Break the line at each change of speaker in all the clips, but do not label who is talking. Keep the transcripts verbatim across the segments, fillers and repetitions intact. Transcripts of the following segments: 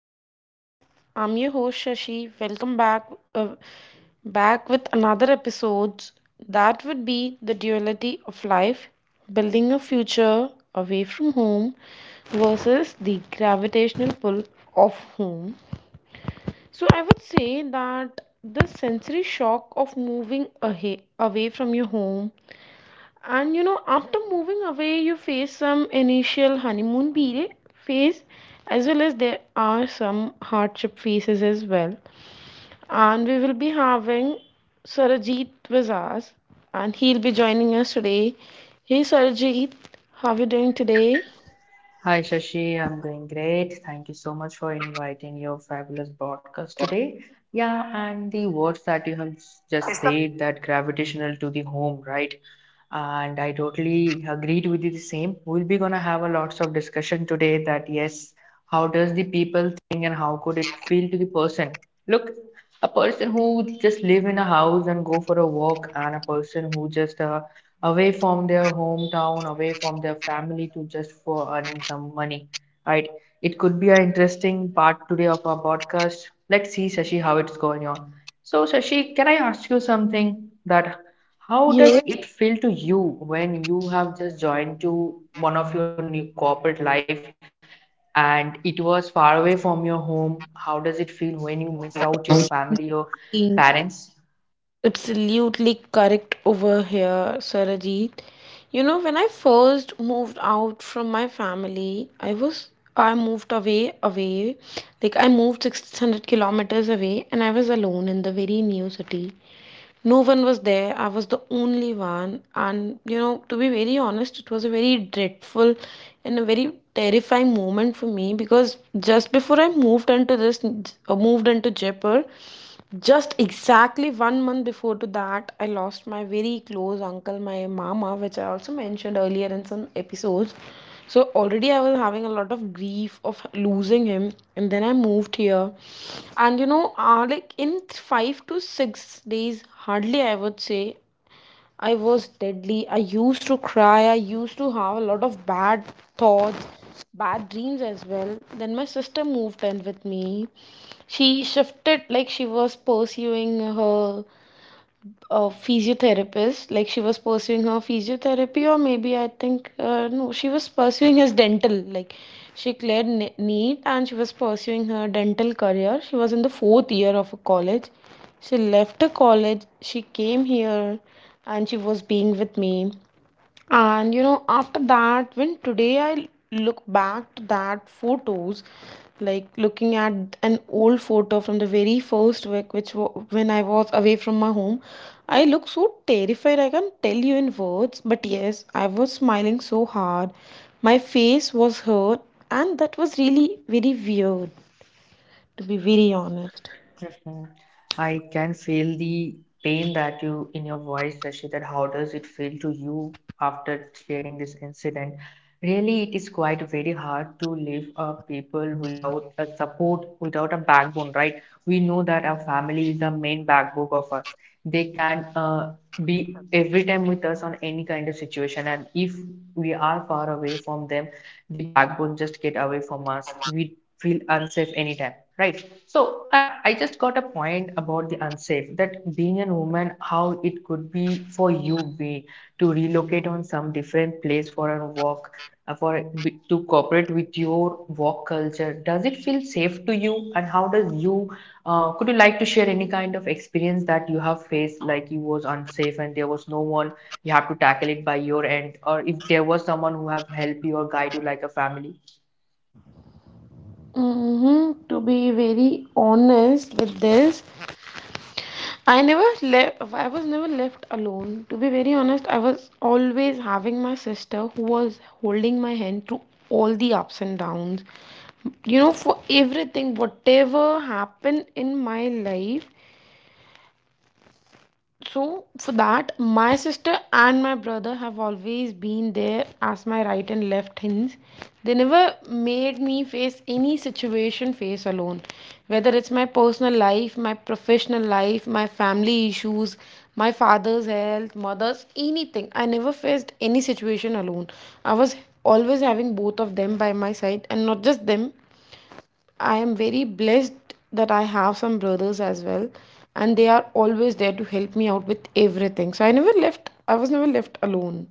welcome back. I'm your host Shashi. Welcome back uh, back with another episode. That would be the duality of life, building a future away from home versus the gravitational pull of home. So I would say that the sensory shock of moving ahe- away from your home, and you know, after moving away, you face some initial honeymoon period phase, as well as there are some hardship phases as well. And we will be having Sarajit with us, and he'll be joining us today. Hey, Sarajit, how are you doing today?
Hi Shashi, I'm doing great. Thank you so much for inviting your fabulous broadcast today. Yeah, and the words that you have just said that gravitational to the home, right? And I totally agreed with you the same. We'll be gonna have a lots of discussion today that yes, how does the people think and how could it feel to the person? Look, a person who just live in a house and go for a walk and a person who just uh, away from their hometown, away from their family to just for earning some money, right? It could be an interesting part today of our podcast. Let's see, Sashi, how it's going on. So, Sashi, can I ask you something that how does
Yes.
it feel to you when you have just joined to one of your new corporate life and it was far away from your home? How does it feel when you miss out your family, your parents?
Absolutely correct over here, Sarajit. You know, when I first moved out from my family, I was I moved away away. Like I moved six hundred kilometers away and I was alone in the very new city. No one was there, I was the only one. And you know, to be very honest, it was a very dreadful and a very terrifying moment for me, because just before I moved into this uh, moved into Jaipur, just exactly one month before to that, I lost my very close uncle, my mama, which I also mentioned earlier in some episodes. So already I was having a lot of grief of losing him, and then I moved here, and you know, uh, like in five to six days, hardly I would say, I was deadly. I used to cry. I used to have a lot of bad thoughts, bad dreams as well. Then my sister moved in with me. She shifted, like she was pursuing her a physiotherapist, like she was pursuing her physiotherapy, or maybe I think uh, no, she was pursuing his dental, like she cleared ne- neat, and she was pursuing her dental career. She was in the fourth year of a college. She left the college, she came here, and she was being with me. And you know, after that, when today I look back to that photos, like looking at an old photo from the very first week, which wa- when I was away from my home, I look so terrified, I can't tell you in words, but yes, I was smiling so hard my face was hurt. And that was really very weird, to be very honest.
Mhm. I can feel the pain that you in your voice, Rashid, that how does it feel to you after sharing this incident? Really, it is quite very hard to live a people without a support, without a backbone, right? We know that our family is the main backbone of us. They can uh, be every time with us on any kind of situation, and if we are far away from them, the backbone just get away from us. We feel unsafe anytime, right? So yeah, I just got a point about the unsafe that being a woman, how it could be for you be to relocate on some different place for a work, uh, for to cooperate with your work culture. Does it feel safe to you, and how does you? Uh, could you like to share any kind of experience that you have faced, like you was unsafe and there was no one you have to tackle it by your end, or if there was someone who have helped you or guide you like a family?
Mm-hmm. To be very honest with this, I never left. I was never left alone. To be very honest, I was always having my sister who was holding my hand through all the ups and downs. You know, for everything, whatever happened in my life, so, for that, my sister and my brother have always been there as my right and left hands. They never made me face any situation face alone. Whether it's my personal life, my professional life, my family issues, my father's health, mother's, anything. I never faced any situation alone. I was always having both of them by my side, and not just them, I am very blessed that I have some brothers as well, and they are always there to help me out with everything. So I never left, I was never left alone.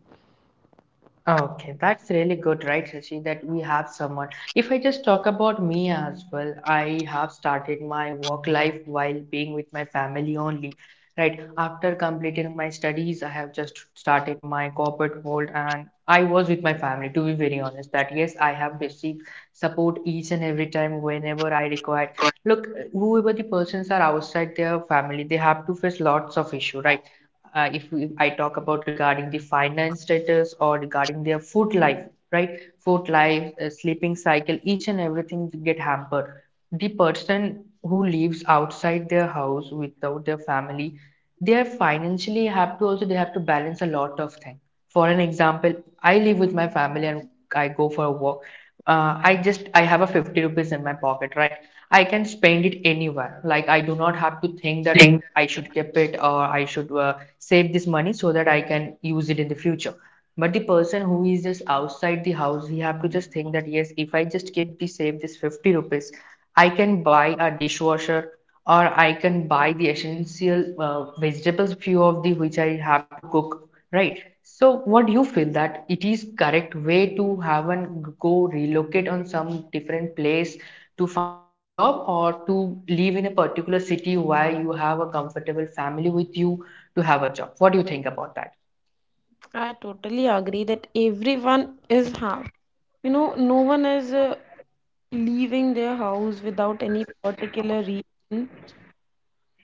Okay, that's really good, right, Rishi, that we have someone. If I just talk about me as well, I have started my work life while being with my family only, right? After completing my studies, I have just started my corporate world and I was with my family, to be very honest, that yes, I have received support each and every time whenever I required. Look, whoever the persons are outside their family, they have to face lots of issue, right? Uh, if we, I talk about regarding the finance status or regarding their food life, right? Food life, uh, sleeping cycle, each and everything get hampered. The person who lives outside their house without their family, they are financially have to also they have to balance a lot of things. For an example, I live with my family and I go for a walk. Uh, i just i have a fifty rupees in my pocket, right? I can spend it anywhere, like I do not have to think that
Thing.
I should keep it or I should, uh, save this money so that I can use it in the future. But the person who is just outside the house, he have to just think that yes, if I just keep the save this fifty rupees, I can buy a dishwasher or I can buy the essential uh, vegetables, few of the which I have to cook, right? So, what do you feel that it is correct way to have and go relocate on some different place to find out a job or to live in a particular city where you have a comfortable family with you to have a job? What do you think about that?
I totally agree that everyone is half. You know, no one is uh, leaving their house without any particular reason.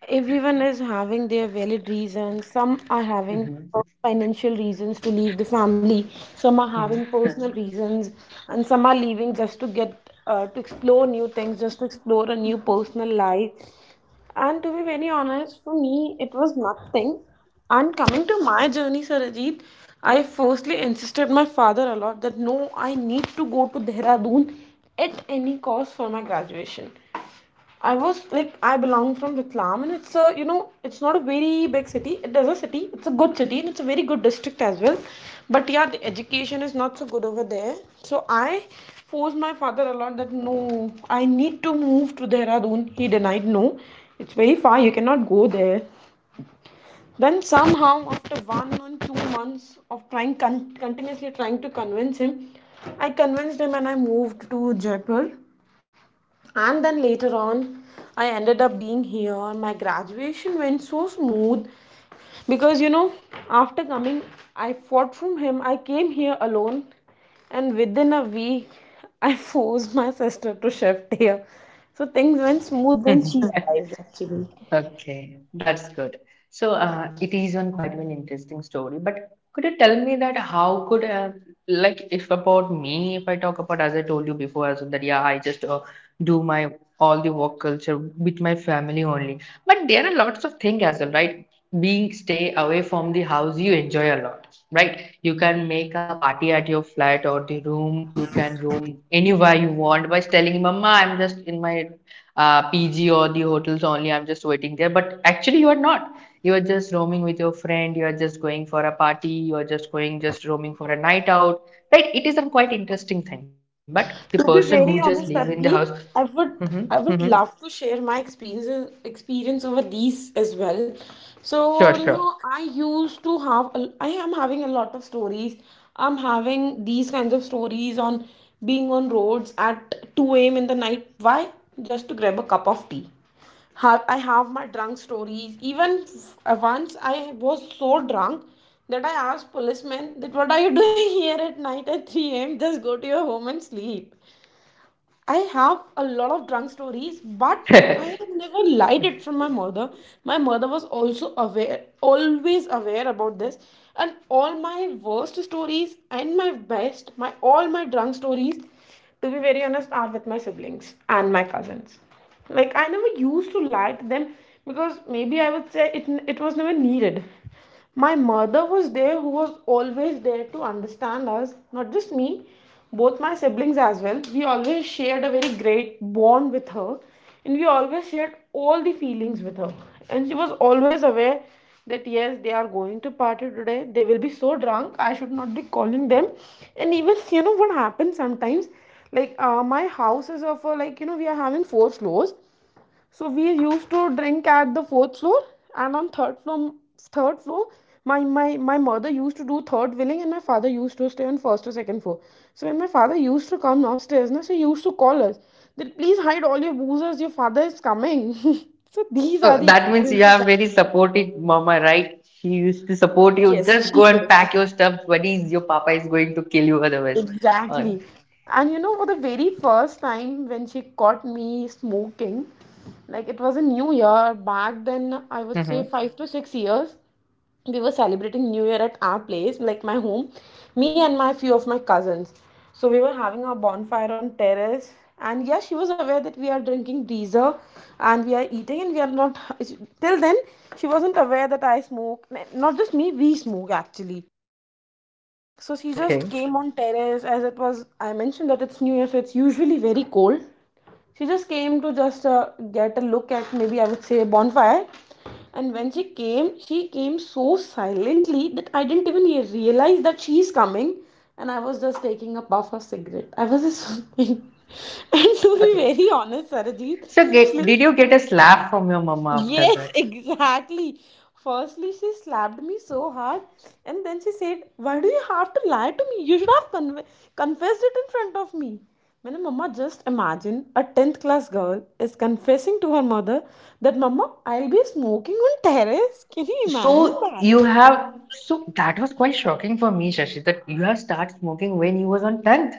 Everyone is having their valid reasons. Some are having
hmm
financial reasons to leave the family. Some are having personal reasons, and some are leaving just to get uh, to explore new things, just to explore a new personal life. And to be very honest, for me, it was nothing. And coming to my journey, Sarajit, I firstly insisted my father a lot that no, I need to go to Dehradun at any cost for my graduation. I was like, I belong from Ratlam, and it's a, you know, it's not a very big city. It is a city, it's a good city, and it's a very good district as well. But yeah, the education is not so good over there. So I forced my father a lot that no, I need to move to Dehradun. He denied no, it's very far, you cannot go there. Then somehow, after one or two months of trying, con- continuously trying to convince him, I convinced him and I moved to Jaipur, and then later on I ended up being here. My graduation went so smooth because, you know, after coming, I fought from him, I came here alone, and within a week I forced my sister to shift here. So things went smooth when
hmm
she arrived, actually.
Okay, that's good. So uh, it is one quite an interesting story. But could you tell me that how could uh, like if about me, if I talk about as I told you before as well that yeah, I just uh, do my all the work culture with my family only. But there are lots of things as well, right? Being stay away from the house, you enjoy a lot, right? You can make a party at your flat or the room. You can room anywhere you want by telling, Mama, I'm just in my uh, P G or the hotels only. I'm just waiting there. But actually, you are not. You are just roaming with your friend. You are just going for a party. You are just going, just roaming for a night out. Right? It is a quite interesting thing. But the person
To
who
be
just
very
live in the
honest,
house,
Sarvjeet, I
hmm
would
hmm
I would love to share my experience experience over these as well.
sure,
So you
sure.
know, I used to have a- I am having a lot of stories. I'm having these kinds of stories on being on roads at two a m in the night. Why? Just to grab a cup of tea. Have I have my drunk stories. Even f- uh, once I was so drunk that I asked policemen that what are you doing here at night at three a m. Just go to your home and sleep. I have a lot of drunk stories, but I have never lied it from my mother. My mother was also aware, always aware about this. And all my worst stories and my best, my all my drunk stories, to be very honest, are with my siblings and my cousins. Like I never used to lie to them because maybe I would say it it was never needed. My mother was there, who was always there to understand us, not just me, both my siblings as well. We always shared a very great bond with her, and we always shared all the feelings with her. And she was always aware that yes, they are going to party today, they will be so drunk, I should not be calling them. And even, you know, what happens sometimes, like uh, my house is of a, like, you know, we are having four floors, so we used to drink at the fourth floor, and on third floor, third floor, my my my mother used to do third wheeling, and my father used to stay on first or second floor. So when my father used to come upstairs, na, so he used to call us that please hide all your boozers, your father is coming. So these are
Oh,
the
that means you
experiences
have
that
very supportive mama, right? She used to support you.
yes,
Just go
she
and pack
is,
your stuff. Buddy, your papa is going to kill you otherwise. Uh,
exactly. And you know, for the very first time when she caught me smoking, like it was a new year back then, I would say
mhm.
five to six years, we were celebrating new year at our place, like my home, me and my few of my cousins. So we were having a bonfire on terrace, and yeah, she was aware that we are drinking diesel and we are eating and we are not. Till then she wasn't aware that I smoke, not just me, we smoke actually. So she just
Okay.
came on terrace as it was. I mentioned that it's New Year, so it's usually very cold. She just came to just uh, get a look at maybe I would say a bonfire. And when she came, she came so silently that I didn't even realize that she's coming. And I was just taking a puff of cigarette. I was just. And to
Okay.
be very honest, Sarajit,
So,
she
get, did
is,
you get a slap from your mama after
yes,
that?
exactly. Firstly, she slapped me so hard, and then she said, why do you have to lie to me? You should have con- confessed it in front of me. मैंने मम्मा, just imagine, a tenth class girl is confessing to her mother that mama I'll be smoking on terrace. Can you imagine
So, you
that?
have, so that was quite shocking for me, Shashi, that you have started smoking when you was on tenth.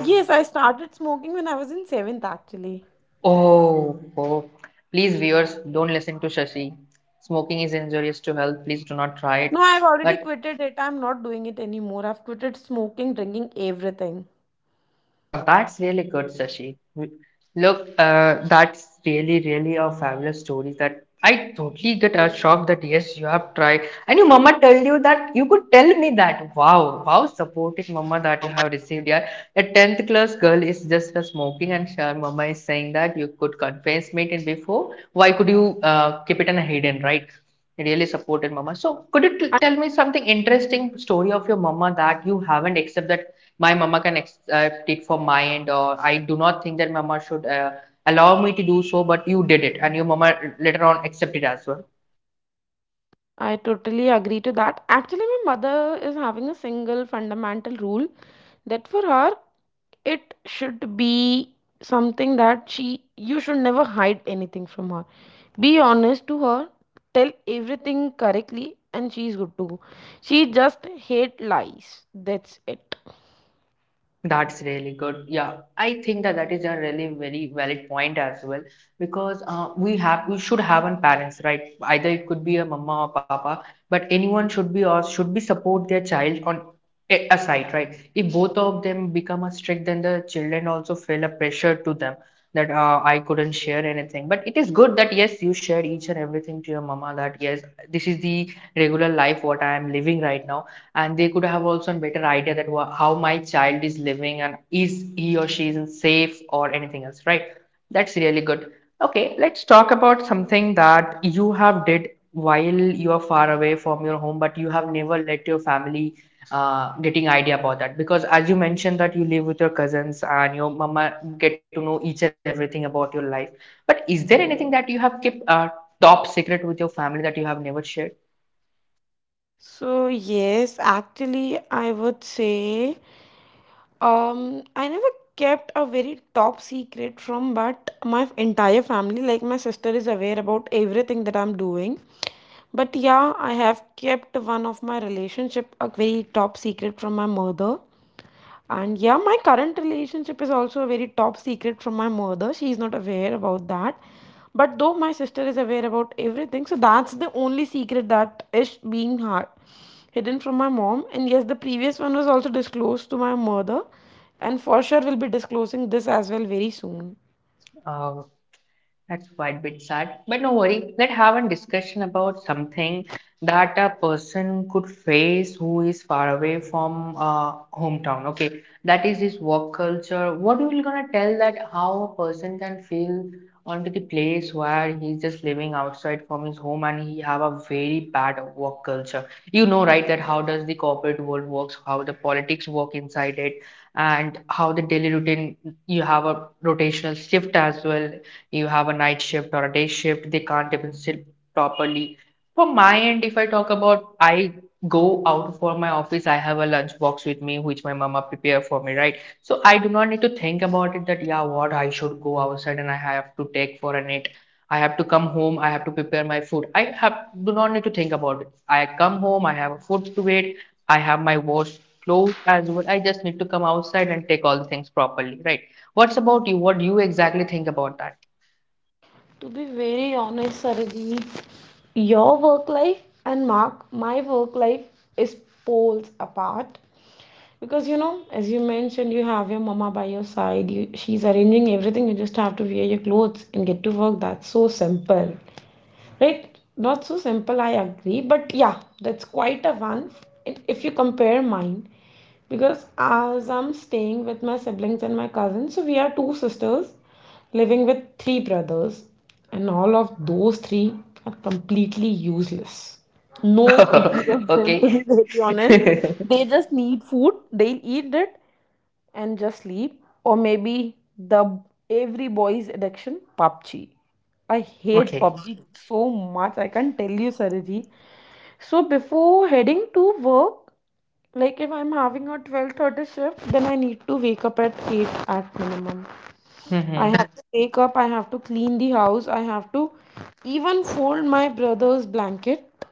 Yes, I started smoking when I was in seventh actually.
Oh, oh. Please, viewers, don't listen to Shashi. Smoking is injurious to health. Please do not try it.
No, I've already
But
quitted it. I'm not doing it anymore. I've quitted smoking, drinking, everything.
Well, that's really good, Sashi. Look, uh, that's really, really a fabulous story that I totally get a shock that yes, you have tried. And your mama told you that you could tell me that. Wow, wow, supporting mama that you have received here. A tenth class girl is just a smoking and sure, mama is saying that you could confess me it before. Why could you uh, keep it in a hidden, right? Really supported mama. So could you t tell me something interesting story of your mama that you haven't except that my mama can accept it for my end or I do not think that mama should, uh, allow me to do so, but you did it and your mama later on accepted it as well.
I totally agree to that. Actually, my mother is having a single fundamental rule that for her, it should be something that she you should never hide anything from her. Be honest to her, tell everything correctly, and she's good to go. She just hate lies. That's it.
That's really good. Yeah, I think that that is a really very valid point as well because uh, we have we should have an parents, right? Either it could be a mama or papa, but anyone should be or should be support their child on a, a side, right? If both of them become a strict, then the children also feel a pressure to them that uh, I couldn't share anything. But it is good that yes, you share each and everything to your mama. That yes, this is the regular life what I am living right now and they could have also a better idea that how my child is living and is he or she is safe or anything else, right? That's really good. Okay, let's talk about something that you have did while you are far away from your home, but you have never let your family uh, getting idea about that because as you mentioned that you live with your cousins and your mama get to know each and everything about your life. But is there anything that you have kept, uh, top secret with your family that you have never shared?
So yes, actually, I would say Um, I never kept a very top secret from, but my entire family, like my sister, is aware about everything that I'm doing. But yeah, I have kept one of my relationship a very top secret from my mother. And yeah, my current relationship is also a very top secret from my mother. She is not aware about that. But though my sister is aware about everything, so that's the only secret that is being hard hidden from my mom. And yes, the previous one was also disclosed to my mother, and for sure we'll be disclosing this as well very soon.
uh, That's quite a bit sad, but no worry. Let's have a discussion about something that a person could face who is far away from uh, hometown. Okay, that is his work culture. What you will gonna tell that how a person can feel onto the place where he's just living outside from his home and he have a very bad work culture. You know, right, that how does the corporate world works, how the politics work inside it, and how the daily routine. You have a rotational shift as well. You have a night shift or a day shift, they can't even sit properly. For my end, if I talk about, I go out for my office, I have a lunch box with me which my mama prepare for me, right? So I do not need to think about it that yeah, what I should go outside and I have to take for a nap. I have to come home, I have to prepare my food. I have do not need to think about it. I come home, I have a food to eat, I have my wash clothes as well. I just need to come outside and take all the things properly, right? What's about you? What do you exactly think about that?
To be very honest, Sarji, your work life and mark my work life is poles apart, because you know, as you mentioned, you have your mama by your side, you, she's arranging everything, you just have to wear your clothes and get to work. That's so simple, right? Not so simple, I agree, but yeah, that's quite a one if you compare mine. Because as I'm staying with my siblings and my cousins, so we are two sisters living with three brothers, and all of those three are completely useless. No use of them, to
Okay.
be very honest. They just need food, they'll eat it, and just sleep, or maybe the every boy's addiction, PUBG. I hate
Okay.
PUBG so much, I can't tell you, Sariji. So before heading to work, like if I'm having a twelve thirty shift, then I need to wake up at eight at minimum. I
hmm
have to wake up, I have to clean the house, I have to even fold my brother's blanket.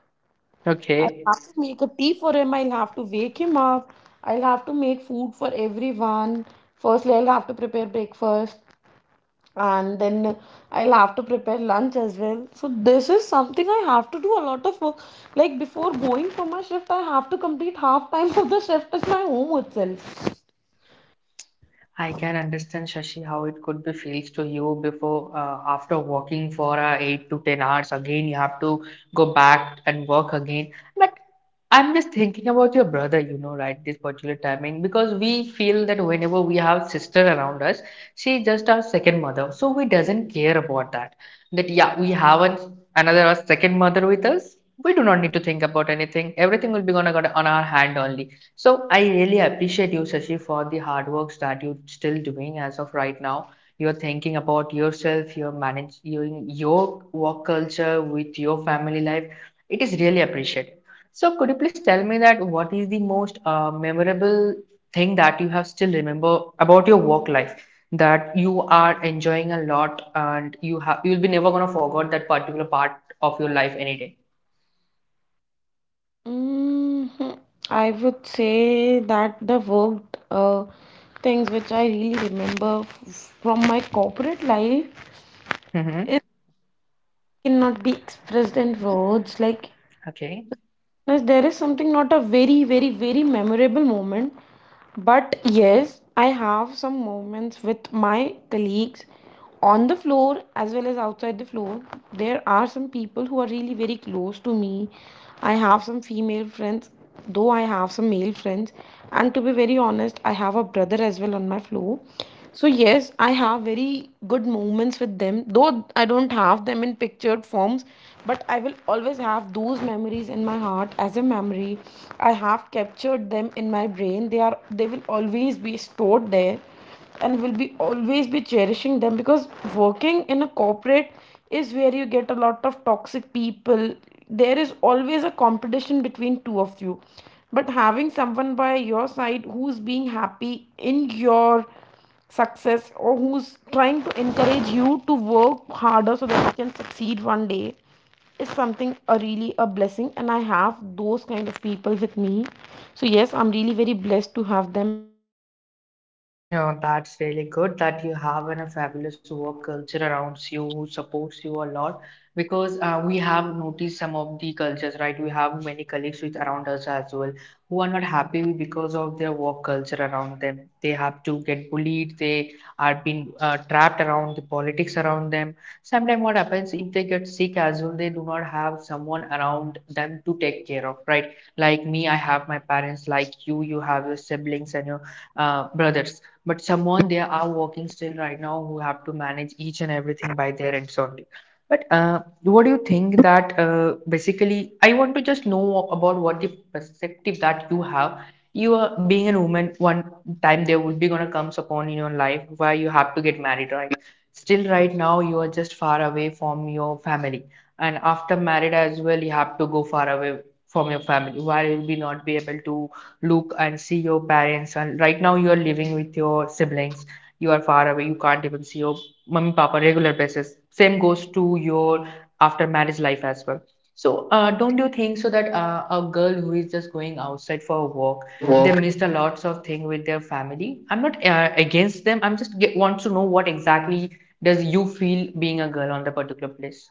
I'll
Okay.
have to make a tea for him. I'll have to wake him up. I'll have to make food for everyone. Firstly, I'll have to prepare breakfast, and then I'll have to prepare lunch as well. So, this is something, I have to do a lot of work. Like, before going for my shift, I have to complete half time of the shift at my home itself.
I can understand, Shashi, how it could be feels to you before, uh, after working for uh, eight to ten hours. Again, you have to go back and work again. But I'm just thinking about your brother, you know, right? This particular timing, because we feel that whenever we have sister around us, she's just our second mother. So we doesn't care about that. That yeah, we have an, another our second mother with us. We do not need to think about anything. Everything will be gonna got on our hand only. So I really appreciate you, Shashi, for the hard works that you're still doing as of right now. You're thinking about yourself, your manage your, your work culture with your family life. It is really appreciated. So could you please tell me that what is the most uh, memorable thing that you have still remember about your work life that you are enjoying a lot and you have you'll be never gonna forget that particular part of your life any day.
Hmm. I would say that the work uh, things which I really remember f- from my corporate life
Mm-hmm.
cannot be expressed in words. Like,
Okay.
yes, there is something, not a very very very memorable moment, but yes, I have some moments with my colleagues on the floor as well as outside the floor. There are some people who are really very close to me. I have some female friends, though I have some male friends, and to be very honest, I have a brother as well on my floor. So yes, I have very good moments with them. Though I don't have them in pictured forms, but I will always have those memories in my heart as a memory. I have captured them in my brain. They are they will always be stored there and will be always be cherishing them, because working in a corporate is where you get a lot of toxic people. There is always a competition between two of you. But having someone by your side who's being happy in your success, or who's trying to encourage you to work harder so that you can succeed one day, is something a really a blessing, and I have those kind of people with me. So yes, I'm really very blessed to have them actually.
No, that's really good that you have in a fabulous work culture around you who supports you a lot because uh, we have noticed some of the cultures, right? We have many colleagues with around us as well who are not happy because of their work culture around them. They have to get bullied. They are being uh, trapped around the politics around them. Sometimes what happens if they get sick as well, they do not have someone around them to take care of, right? Like me, I have my parents. Like you, you have your siblings and your uh, brothers, but someone they are working still right now who have to manage each and everything by their ends only. But uh, what do you think that uh, basically? I want to just know about what the perspective that you have. You are being a woman. One time there would be gonna comes upon in your life where you have to get married, right? Still right now you are just far away from your family, and after married as well you have to go far away from your family, where you will be not be able to look and see your parents. And right now you are living with your siblings, you are far away, you can't even see your mom and papa on regular basis. Same goes to your after marriage life as well. So uh, don't you think so that uh, a girl who is just going outside for a walk, they
Work.
missed a lots of thing with their family? I'm not uh, against them, I'm just get, want to know what exactly does you feel being a girl on the particular place.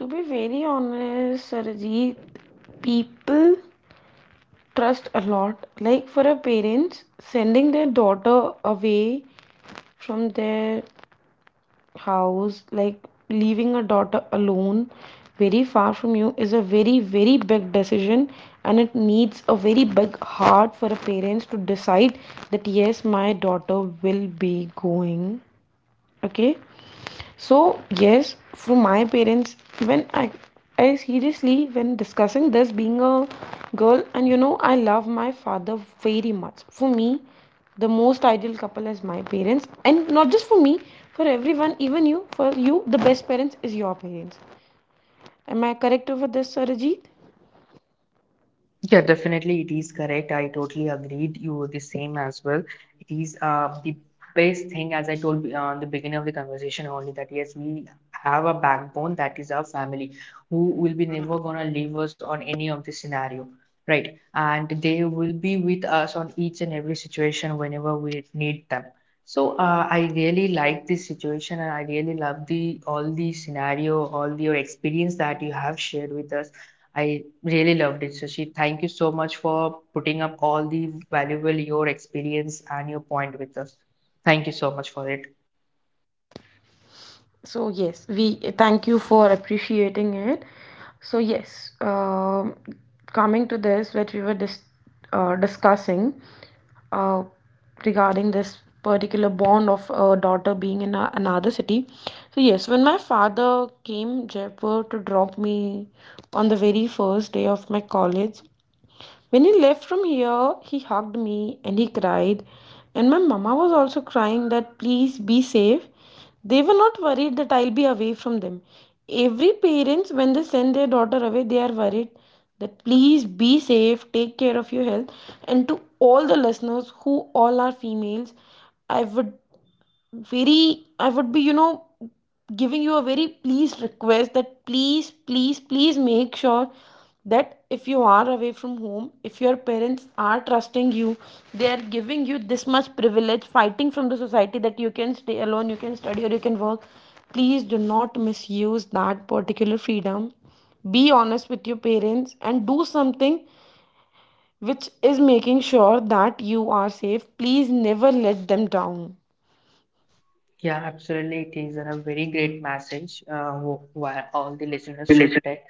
To be very honest, Sarajit, people trust a lot. Like for a parents, sending their daughter away from their house, like leaving a daughter alone very far from you, is a very very big decision, and it needs a very big heart for a parents to decide that yes, my daughter will be going, okay. So, yes, from my parents, when I, I seriously, when discussing this being a girl, and you know, I love my father very much. For me, the most ideal couple is my parents, and not just for me, for everyone, even you, for you, the best parents is your parents. Am I correct over this, Sarajit?
Yeah, definitely, it is correct. I totally agreed. You were the same as well. It is uh, the best thing, as I told uh, in the beginning of the conversation only, that yes, we have a backbone that is our family, who will be never gonna leave us on any of the scenario, right? And they will be with us on each and every situation whenever we need them. So uh, I really like this situation, and I really love the all the scenario, all your experience that you have shared with us. I really loved it, Shashi. Thank you so much for putting up all the valuable your experience and your point with us. Thank you so much for it.
So yes, we thank you for appreciating it. So yes, um, coming to this, what we were dis- uh, discussing uh, regarding this particular bond of a daughter being in a- another city. So yes, when my father came Jaipur to drop me on the very first day of my college, when he left from here, he hugged me and he cried. And my mama was also crying that please be safe. They were not worried that I'll be away from them. Every parents, when they send their daughter away, they are worried that please be safe, take care of your health. And to all the listeners who all are females, I would very i would be, you know, giving you a very pleased request that please please please make sure that if you are away from home, if your parents are trusting you, they are giving you this much privilege, fighting from the society, that you can stay alone, you can study or you can work, please do not misuse that particular freedom. Be honest with your parents and do something which is making sure that you are safe. Please never let them down.
Yeah, absolutely. It is a very great message, uh, wh- why all the listeners should take.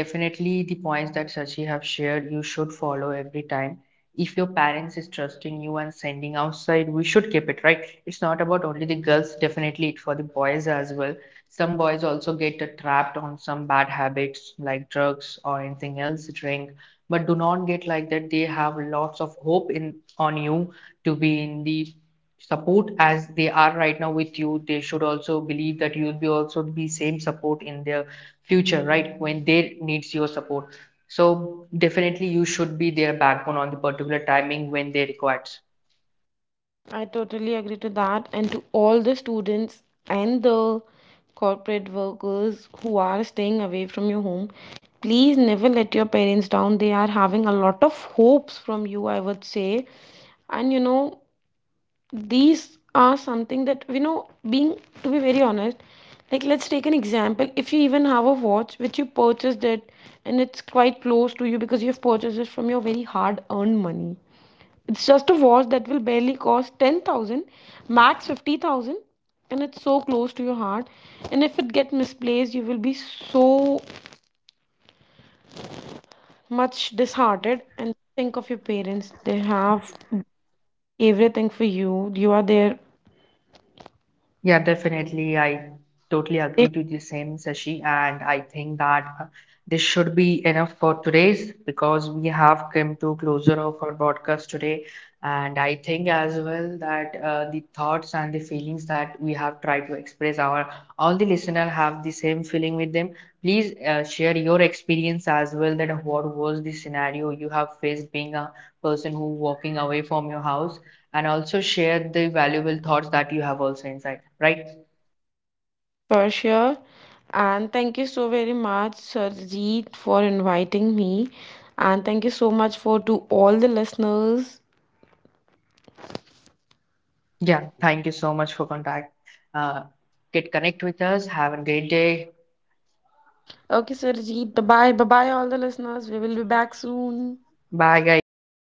Definitely, the points that Sachi have shared, you should follow every time. If your parents is trusting you and sending outside, we should keep it, right? It's not about only the girls, definitely it for the boys as well. Some boys also get uh, trapped on some bad habits like drugs or anything else, drink. But do not get like that. They have lots of hope in on you to be in the support. As they are right now with you, they should also believe that you'll be also be same support in their future, right, when they needs your support. So definitely you should be their backbone on the particular timing when they requires.
I totally agree to that, and to all the students and the corporate workers who are staying away from your home. Please never let your parents down. They are having a lot of hopes from you, I would say. And you know, these are something that we know being, to be very honest, like let's take an example. If you even have a watch which you purchased it, and it's quite close to you because you've purchased it from your very hard earned money, it's just a watch that will barely cost ten thousand, max fifty thousand, and it's so close to your heart, and if it get misplaced, you will be so much disheartened. And think of your parents, they have everything for you, you are there,
Yeah, definitely. I totally
they.
agree to the same, Sashi. And I think that uh, this should be enough for today's, because we have come to closure of our broadcast today. And I think as well that uh, the thoughts and the feelings that we have tried to express, our all the listener have the same feeling with them. Please uh, share your experience as well, that what was the scenario you have faced being a person who walking away from your house, and also share the valuable thoughts that you have also inside, right?
For sure. And thank you so very much, Sarjeet, for inviting me. And thank you so much for to all the listeners.
Yeah, thank you so much for contact. Uh, get connect with us. Have a great day.
Okay, Sarjeet, bye bye. Bye bye, all the listeners. We will be back soon.
Bye, guys.